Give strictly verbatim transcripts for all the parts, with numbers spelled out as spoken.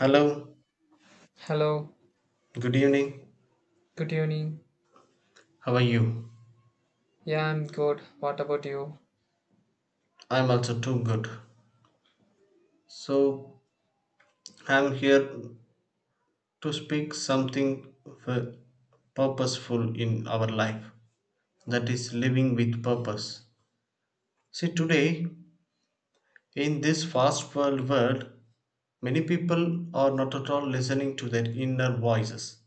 Hello, Hello, good evening. good evening. How are you? Yeah, I'm good. What about you? I'm also too good. So, I'm here to speak something f- purposeful in our life, that is, living with purpose. See, today, in this fast world world, many people are not at all listening to their inner voices.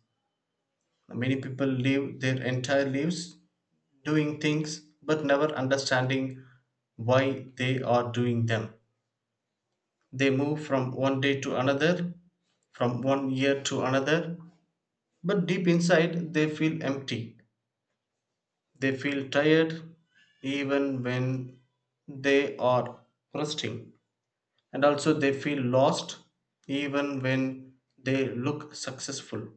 Many people live their entire lives doing things but never understanding why they are doing them. They move from one day to another, from one year to another, but deep inside they feel empty. They feel tired even when they are resting, and also they feel lost even when they look successful.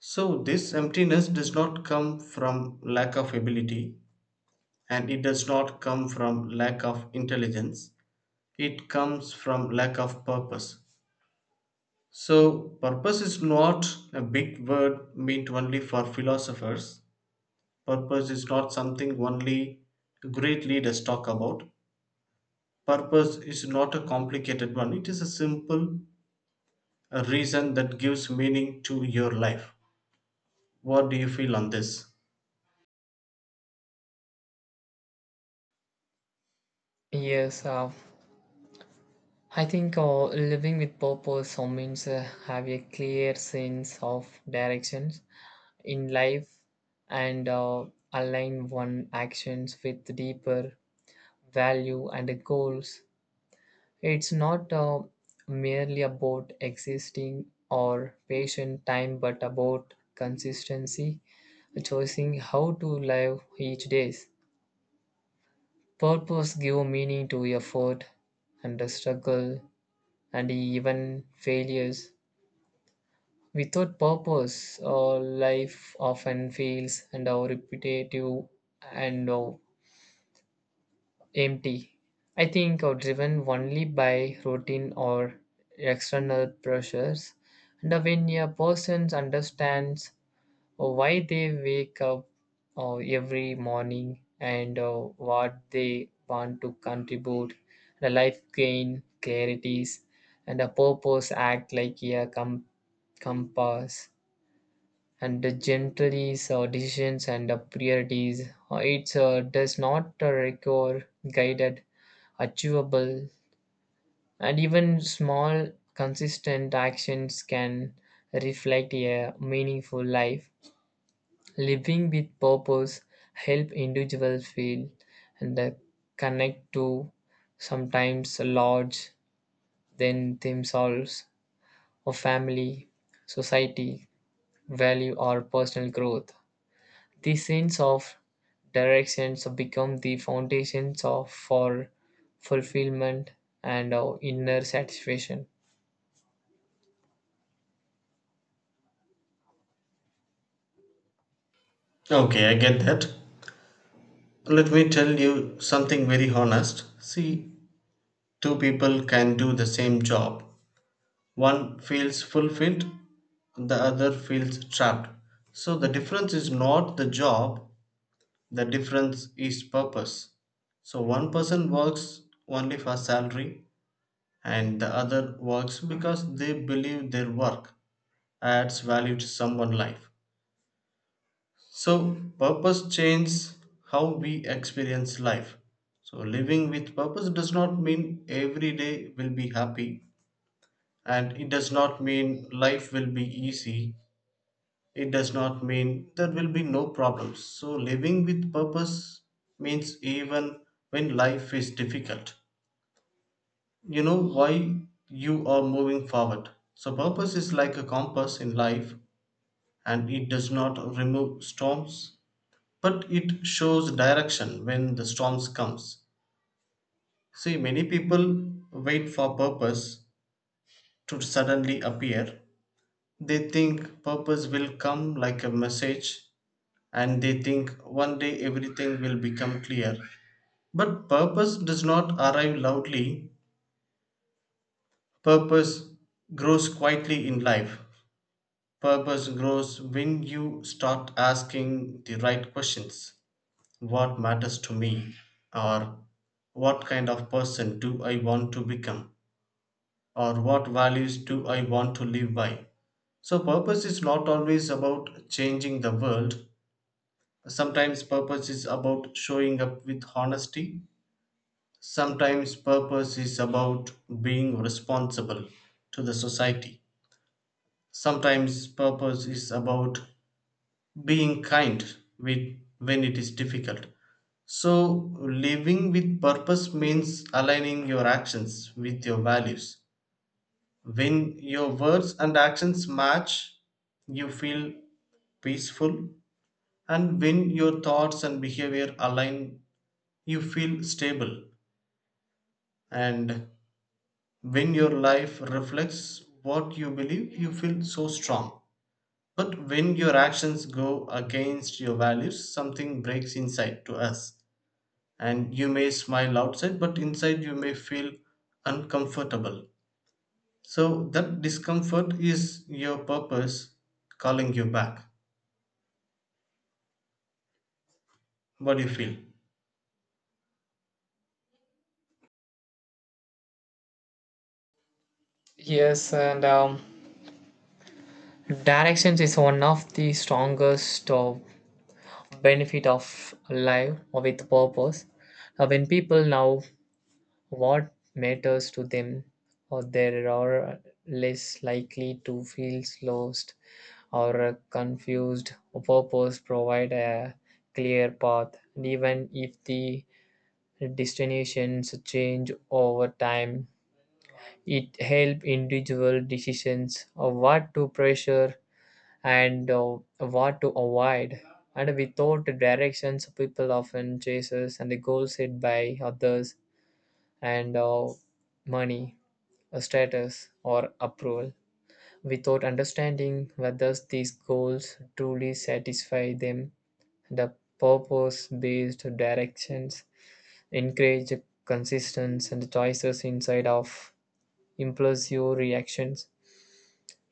So, this emptiness does not come from lack of ability, and it does not come from lack of intelligence, it comes from lack of purpose. So, purpose is not a big word meant only for philosophers. Purpose is not something only great leaders talk about. Purpose is not a complicated one, it is a simple a reason that gives meaning to your life. What do you feel on this? Yes, uh, I think uh, living with purpose uh, means uh, have a clear sense of directions in life and uh, align one actions with deeper value and goals. It's not uh, merely about existing or patient time, but about consistency, choosing how to live each day. Purpose give meaning to effort and the struggle and even failures. Without purpose, our life often feels and our repetitive and uh, empty. I think are driven only by routine or external pressures. And when a person understands uh, why they wake up uh, every morning and uh, what they want to contribute the life gain clarities and a purpose act like a com- compass and the gentries or decisions and the priorities uh, it uh, does not uh, require guided achievable and even small consistent actions can reflect a meaningful life. Living with purpose help individuals feel and uh, connect to sometimes large than themselves or family, society, value or personal growth. The sense of directions become the foundations of for fulfillment and uh, inner satisfaction. Okay, I get that. Let me tell you something very honest. See, two people can do the same job. One feels fulfilled, the other feels trapped. So the difference is not the job, the difference is purpose. So one person works only for salary, and the other works because they believe their work adds value to someone's life. So purpose changes how we experience life. So living with purpose does not mean every day will be happy, and it does not mean life will be easy. It does not mean there will be no problems. So, living with purpose means even when life is difficult, you know why you are moving forward. So, purpose is like a compass in life, and it does not remove storms but it shows direction when the storms comes. See, many people wait for purpose to suddenly appear. They think purpose will come like a message, and they think one day everything will become clear. But purpose does not arrive loudly, purpose grows quietly in life. Purpose grows when you start asking the right questions. What matters to me? Or what kind of person do I want to become? Or what values do I want to live by? So, purpose is not always about changing the world. Sometimes, purpose is about showing up with honesty. Sometimes purpose is about being responsible to the society. Sometimes purpose is about being kind with, when it is difficult. So, living with purpose means aligning your actions with your values. When your words and actions match, you feel peaceful, and when your thoughts and behavior align, you feel stable. And when your life reflects what you believe, you feel so strong. But when your actions go against your values, something breaks inside to us. And you may smile outside, but inside you may feel uncomfortable. So that discomfort is your purpose calling you back. What do you feel? Yes, and um, directions is one of the strongest uh, benefit of live with purpose. Uh, when people know what matters to them, or they are less likely to feel lost or uh, confused. Purpose provide a clear path, and even if the destinations change over time, it help individual decisions of what to pressure and uh, what to avoid. And without directions, people often chases and the goals set by others and uh, money, a status, or approval. Without understanding whether these goals truly satisfy them, the purpose-based directions encourage consistency and choices inside of impulsive reactions.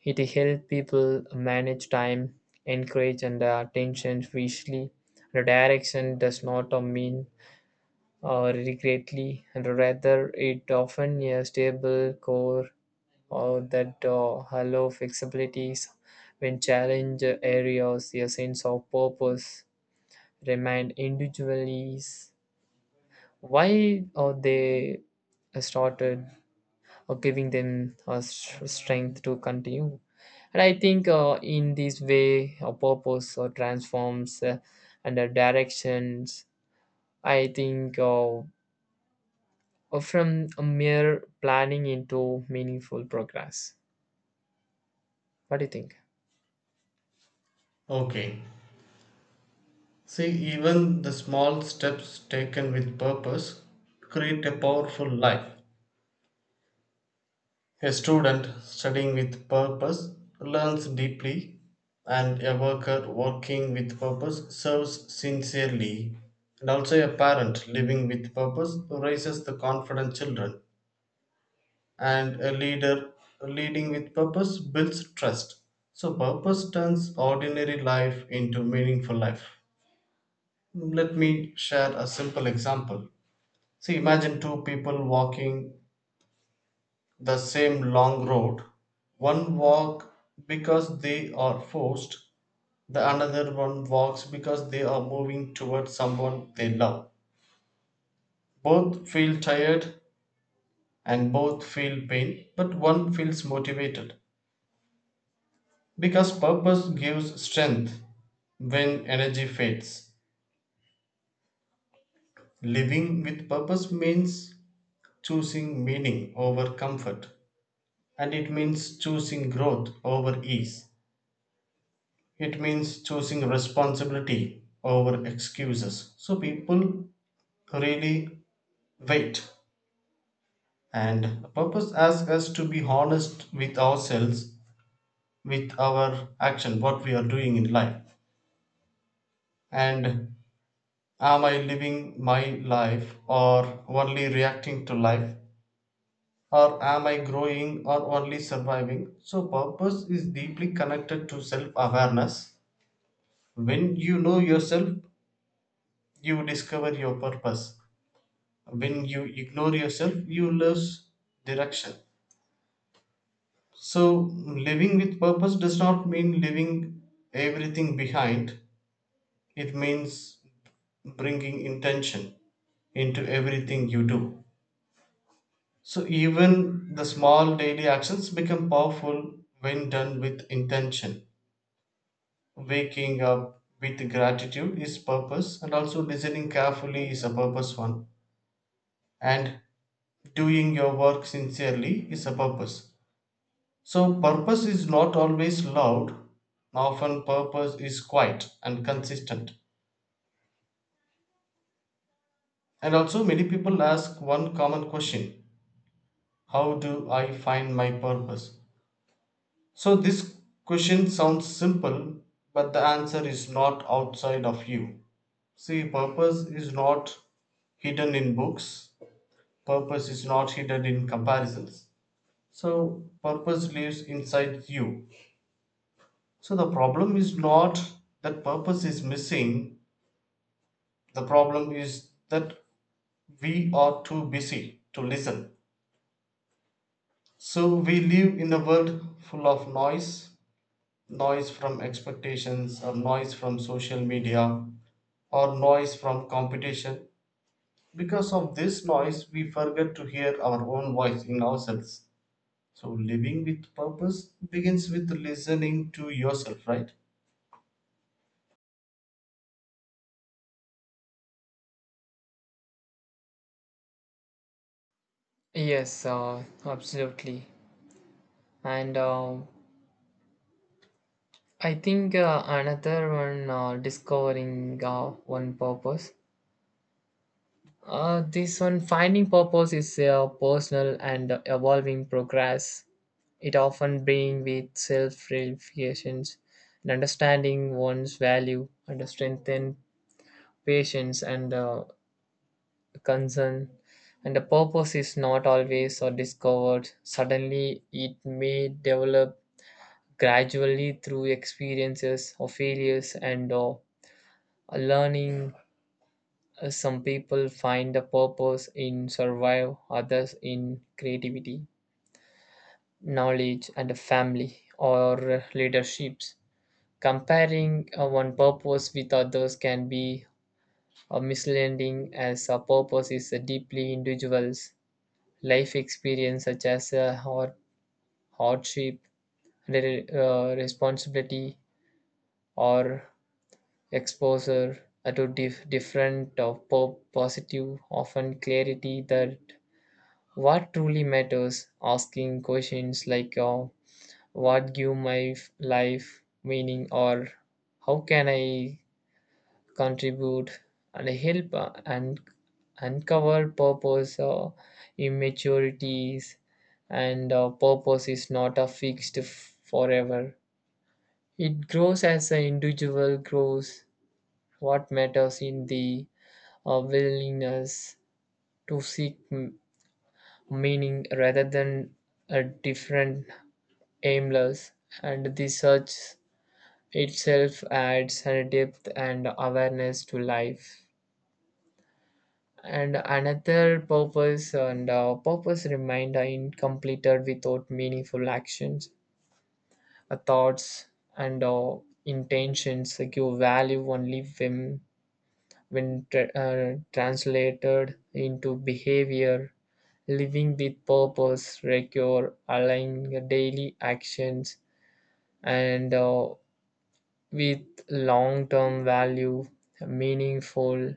It helps people manage time, encourage and uh, attention visually. Redirection does not uh, mean uh, regretly, and rather it often a stable core or that uh, allow flexibilities when challenge areas a sense of purpose remind individuals why are they started or giving them uh, s- strength to continue. And I think uh, in this way, a purpose uh, transforms uh, and uh, directions. I think uh, uh, from a mere planning into meaningful progress. What do you think? Okay. See, even the small steps taken with purpose create a powerful life. A student studying with purpose learns deeply, and a worker working with purpose serves sincerely. And also, a parent living with purpose raises the confident children, and a leader leading with purpose builds trust. So, purpose turns ordinary life into meaningful life. Let me share a simple example. See, imagine two people walking the same long road. One walk because they are forced, the another one walks because they are moving towards someone they love. Both feel tired and both feel pain, but one feels motivated because purpose gives strength when energy fades. Living with purpose means choosing meaning over comfort, and it means choosing growth over ease. It means choosing responsibility over excuses. So people really wait. And the purpose asks us to be honest with ourselves, with our action, what we are doing in life. And am I living my life or only reacting to life? Or am I growing or only surviving? So, purpose is deeply connected to self awareness. When you know yourself, you discover your purpose. When you ignore yourself, you lose direction. So, living with purpose does not mean leaving everything behind, it means bringing intention into everything you do. So even the small daily actions become powerful when done with intention. Waking up with gratitude is purpose, and also listening carefully is a purpose one, and doing your work sincerely is a purpose. So, purpose is not always loud, often, purpose is quiet and consistent. And also, many people ask one common question. How do I find my purpose? So, this question sounds simple, but the answer is not outside of you. See, purpose is not hidden in books, purpose is not hidden in comparisons. So, purpose lives inside you. So, the problem is not that purpose is missing, the problem is that we are too busy to listen. So we live in a world full of noise, noise from expectations, or noise from social media, or noise from competition. Because of this noise, we forget to hear our own voice in ourselves. So living with purpose begins with listening to yourself, right? Yes, uh, absolutely. And uh, I think uh, another one, uh, discovering uh, one purpose. Uh, this one, finding purpose, is a personal and evolving progress. It often brings with self realizations an understanding one's value, and strengthen patience and uh, concern. And the purpose is not always or discovered suddenly. It may develop gradually through experiences or failures and uh, learning. Uh, Some people find a purpose in survive, others in creativity, knowledge, and a family or leaderships. Comparing uh, one purpose with others can be uh, misleading as a purpose is a deeply individual's life experience such as a hard, hardship, re- uh, responsibility or exposure uh, to dif- different or po- positive often clarity that what truly matters asking questions like uh, what give my f- life meaning or how can I contribute and help uh, and uncover purpose uh, immaturities and uh, purpose is not a fixed f- forever. It grows as an individual grows. What matters in the uh, willingness to seek m- meaning rather than a different aimless and the search itself adds a depth and awareness to life and another purpose and uh, purpose remained incompleted without meaningful actions uh, thoughts and uh, intentions give value only when when tra- uh, translated into behavior. Living with purpose require aligning your daily actions and uh, with long-term value meaningful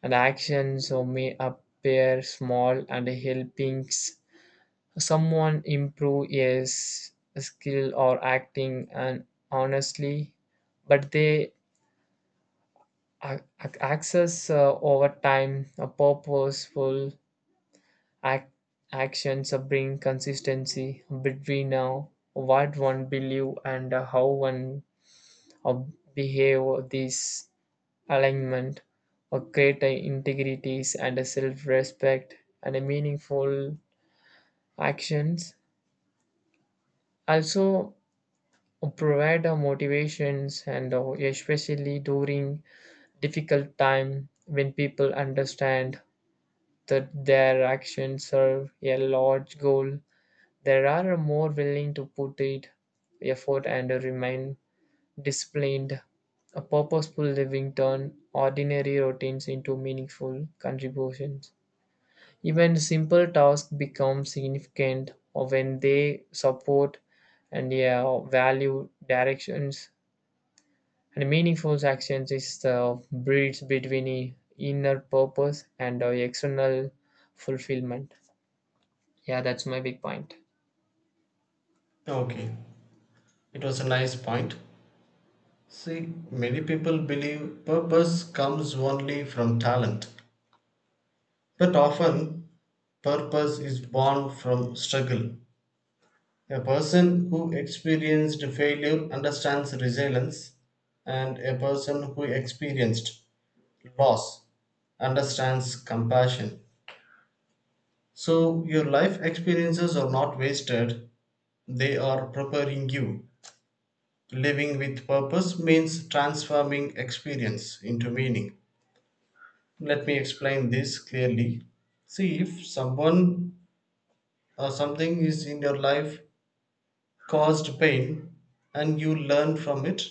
and actions so may appear small and helping someone improve yes skill or acting and honestly but they a- a- access uh, over time a purposeful ac- actions uh, bring consistency between uh, what one believe and uh, how one uh, behave. This alignment or create uh, integrities and a self-respect and a meaningful actions also provide uh, motivations and uh, especially during difficult time when people understand that their actions serve a large goal they are more willing to put it effort and remain disciplined. A purposeful living turn ordinary routines into meaningful contributions. Even simple tasks become significant when they support and yeah, value directions. And meaningful actions is the bridge between i- inner purpose and uh, external fulfillment. Yeah, that's my big point. Okay, it was a nice point. See, many people believe purpose comes only from talent, but often purpose is born from struggle. A person who experienced failure understands resilience, and a person who experienced loss understands compassion. So, your life experiences are not wasted, they are preparing you. Living with purpose means transforming experience into meaning. Let me explain this clearly. See, if someone or something is in your life caused pain, and you learn from it,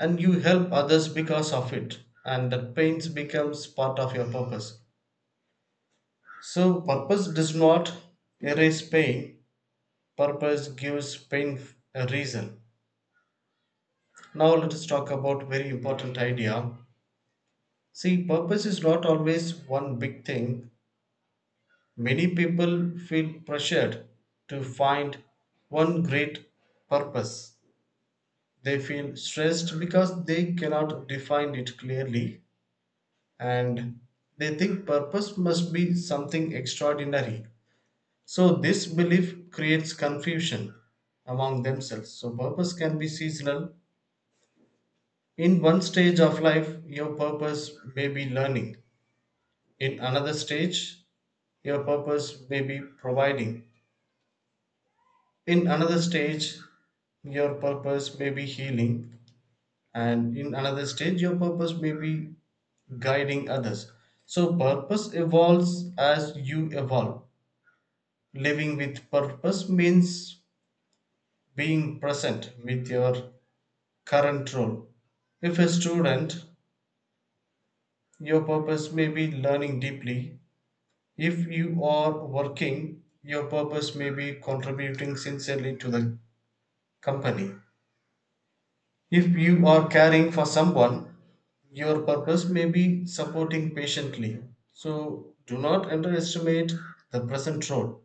and you help others because of it, and that pain becomes part of your purpose. So purpose does not erase pain, purpose gives pain a reason. Now let us talk about very important idea. See, purpose is not always one big thing. Many people feel pressured to find one great purpose. They feel stressed because they cannot define it clearly, and they think purpose must be something extraordinary. So, this belief creates confusion among themselves. So, purpose can be seasonal. In one stage of life, your purpose may be learning. In another stage, your purpose may be providing. In another stage, your purpose may be healing. And in another stage, your purpose may be guiding others. So, purpose evolves as you evolve. Living with purpose means being present with your current role. If a student, your purpose may be learning deeply. If you are working, your purpose may be contributing sincerely to the company. If you are caring for someone, your purpose may be supporting patiently. So do not underestimate the present role.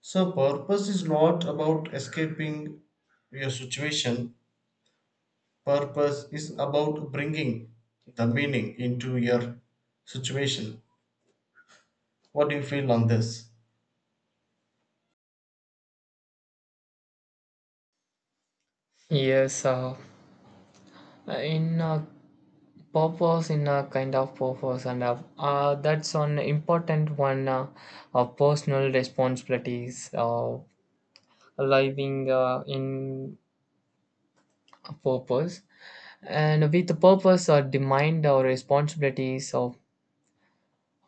So purpose is not about escaping your situation. Purpose is about bringing the meaning into your situation. What do you feel on this? Yes, uh, in a purpose, in a kind of purpose, and uh, uh, that's an important one uh, of personal responsibilities of living uh, in a purpose. And with the purpose or demand or responsibilities of,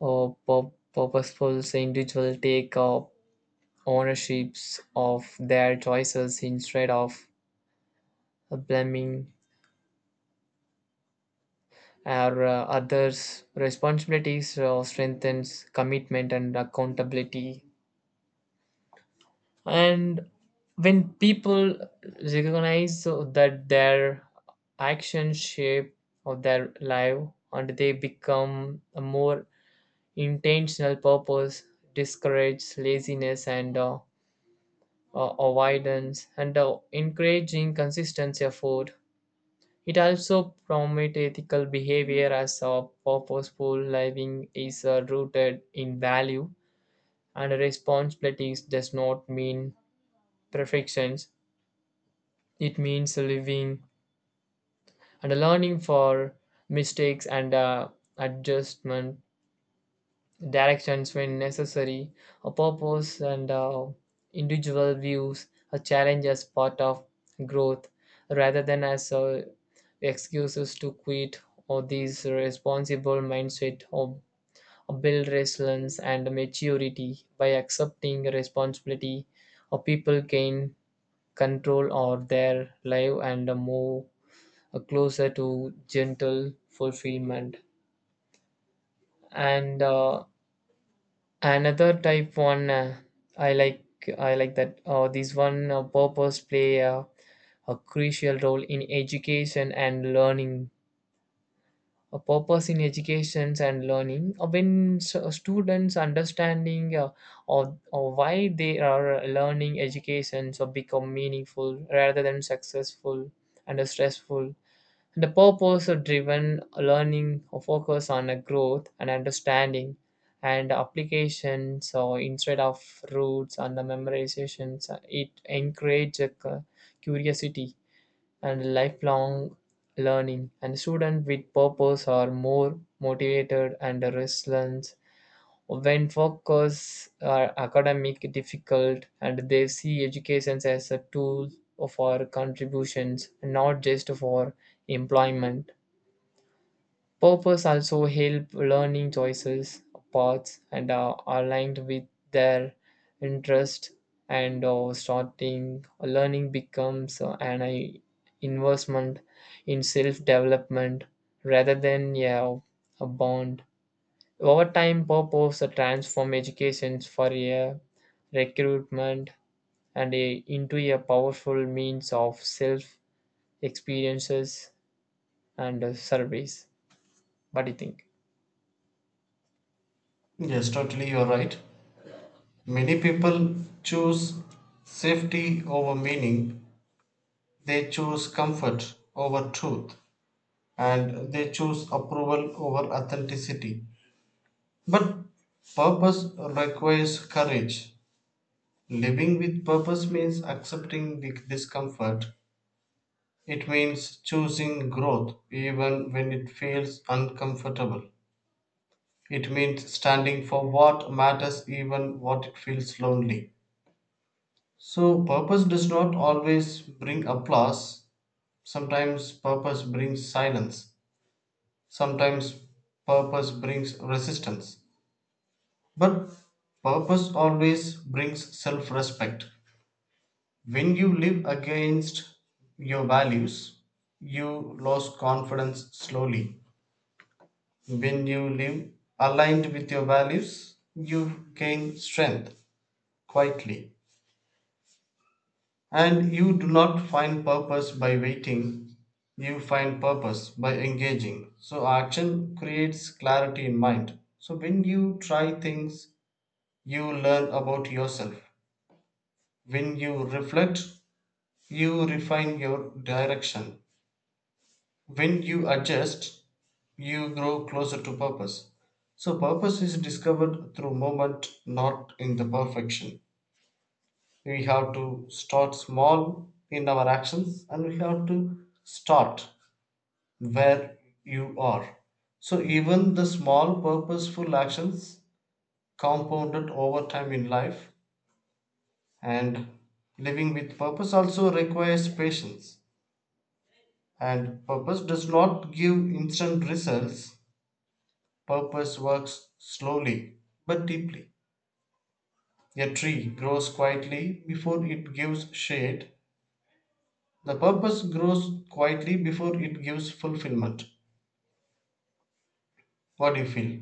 of pur- purposeful individual take up ownerships of their choices instead of blaming our uh, others responsibilities uh, strengthens commitment and accountability and when people recognize uh, that their actions shape of their life and they become a more intentional purpose discourage laziness and uh, uh, avoidance and uh, encouraging consistent effort. It also promotes ethical behavior as a purposeful living is uh, rooted in value and responsibilities does not mean perfections. It means living and learning for mistakes and uh, adjustment directions when necessary, a purpose and uh, individual views, a challenge as part of growth rather than as uh, excuses to quit or these responsible mindset or, build resilience and maturity by accepting responsibility or people gain control or their life and uh, move uh, closer to gentle fulfillment and uh, another type one uh, I like I like that uh, this one uh, purpose play uh, a crucial role in education and learning. A purpose in education and learning uh, when s- uh, students understanding uh, of, of why they are learning education so become meaningful rather than successful and stressful. The purpose driven learning focuses on a growth and understanding and application. So instead of roots and the memorizations, it encourages curiosity and lifelong learning. And students with purpose are more motivated and resilient when focus are academic difficult and they see education as a tool for contributions, not just for employment. Purpose also help learning choices, paths, and are aligned with their interest and or starting learning becomes uh, an i- investment in self development rather than yeah, a bond. Over time, purpose uh, transform education for a recruitment and a, into a powerful means of self experiences and uh, service. What do you think? Yes, totally, you're right. Many people choose safety over meaning, they choose comfort over truth, and they choose approval over authenticity. But purpose requires courage. Living with purpose means accepting the discomfort. It means choosing growth even when it feels uncomfortable. It means standing for what matters even what it feels lonely. So purpose does not always bring applause. Sometimes purpose brings silence. Sometimes purpose brings resistance. But purpose always brings self-respect. When you live against your values, you lose confidence slowly. When you live aligned with your values, you gain strength quietly. And you do not find purpose by waiting, you find purpose by engaging. So, action creates clarity in mind. So, when you try things, you learn about yourself. When you reflect, you refine your direction. When you adjust, you grow closer to purpose. So purpose is discovered through moment, not in the perfection. We have to start small in our actions, and we have to start where you are. So even the small purposeful actions compounded over time in life. And living with purpose also requires patience, and purpose does not give instant results. Purpose works slowly but deeply. A tree grows quietly before it gives shade; the purpose grows quietly before it gives fulfillment. What do you feel?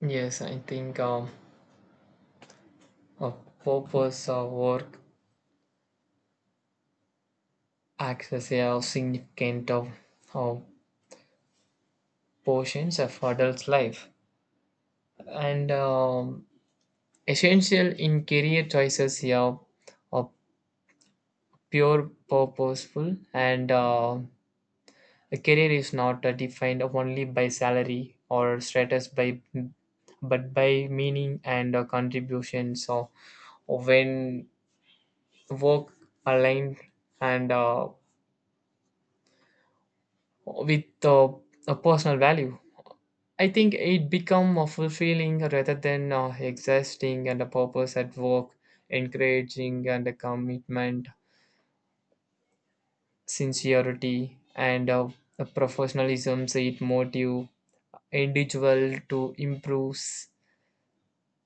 Yes, I think um, a purpose of work acts as a significant of, of portions of adult life and um, essential in career choices. Yeah, a pure purposeful and uh, a career is not uh, defined only by salary or status, by but by meaning and uh, contribution. So when work aligned and uh, with uh, a personal value. I think it become a fulfilling rather than uh, exhausting and a purpose at work, encouraging and a commitment, sincerity and uh, a professionalism. So it motive individual to improve s-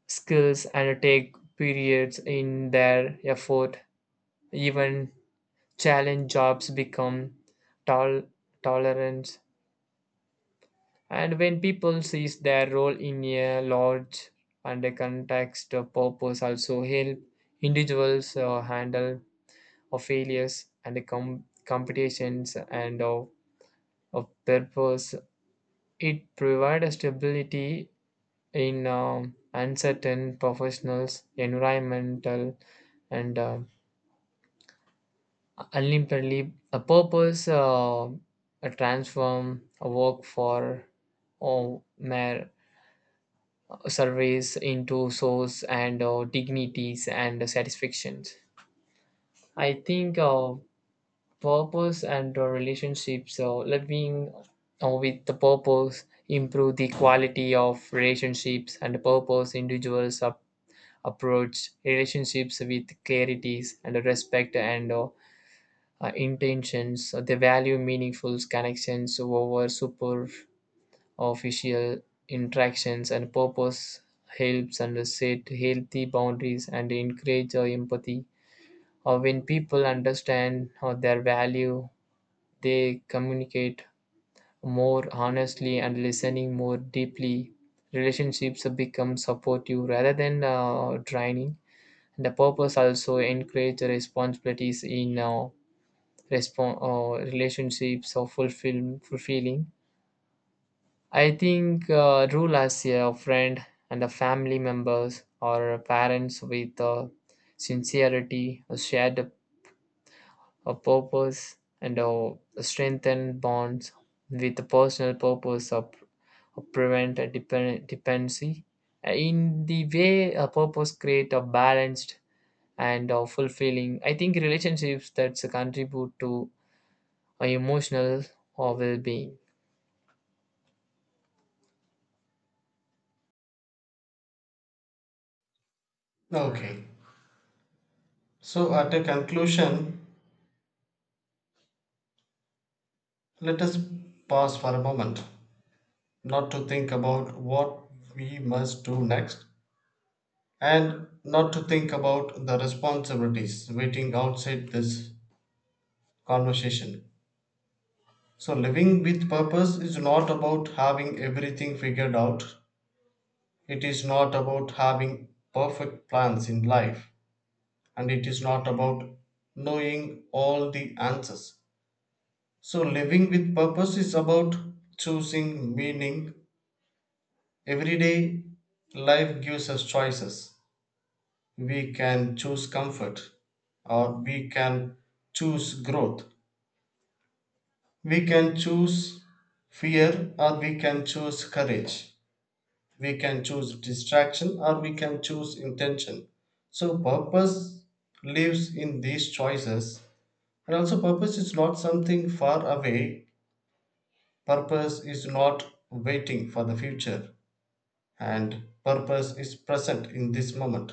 skills and take periods in their effort. Even challenge jobs become tol- tolerance. And when people sees their role in a large and a context of purpose also help individuals uh, handle of failures and com- competitions and of, of purpose. It provides stability in um, uncertain professionals, environmental and uh, ultimately a purpose uh, a transform a work for or mere surveys into souls and uh, dignities and satisfactions. I think uh, purpose and uh, relationships, uh, living uh, with the purpose, improve the quality of relationships and purpose. Individuals ap- approach relationships with clarities and respect and uh, uh, intentions. So they value meaningful connections over superficial official interactions and purpose helps and set healthy boundaries and encourage uh, empathy or when people understand uh, their value they communicate more honestly and listening more deeply relationships become supportive rather than uh, draining. The purpose also encourage responsibilities in uh, respon- uh, relationships or fulfill- fulfilling I think uh, rule as a friend and a family members or parents with uh, sincerity, a shared a purpose, and uh, a strengthened bonds with a personal purpose of, of prevent a depend, dependency. Uh, In the way a purpose create a balanced and a fulfilling, I think relationships that contribute to a emotional or well-being. Okay. So, at a conclusion, let us pause for a moment, not to think about what we must do next, and not to think about the responsibilities waiting outside this conversation. So, living with purpose is not about having everything figured out. It is not about having perfect plans in life. And it is not about knowing all the answers. So, living with purpose is about choosing meaning. Every day, life gives us choices. We can choose comfort, or we can choose growth. We can choose fear, or we can choose courage. We can choose distraction, or we can choose intention. So purpose lives in these choices. And also purpose is not something far away, purpose is not waiting for the future, and purpose is present in this moment.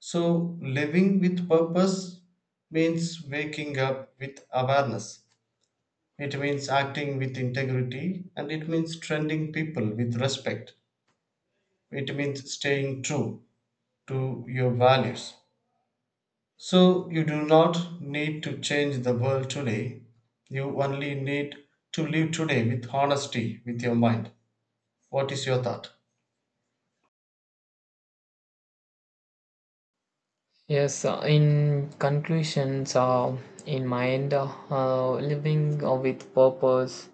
So living with purpose means waking up with awareness, it means acting with integrity, and it means treating people with respect. It means staying true to your values. So you do not need to change the world today. You only need to live today with honesty with your mind. What is your thought? Yes, uh, in conclusions, uh, in mind, uh, uh, living uh, with purpose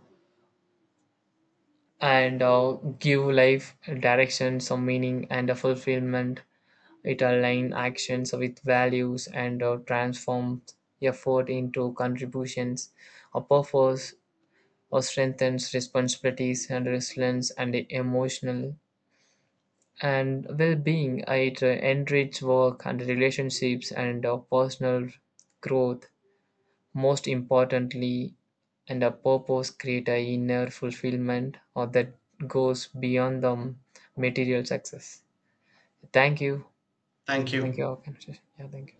and uh, give life direction, some meaning and a fulfillment. It align actions with values and uh, transform effort into contributions. A purpose uh, strengthens responsibilities and resilience and emotional and well-being. It uh, enriches work and relationships and uh, personal growth. Most importantly, and a purpose create a inner fulfillment or that goes beyond the material success. Thank you. Thank Thank you. you. Our conversation. Yeah, thank you.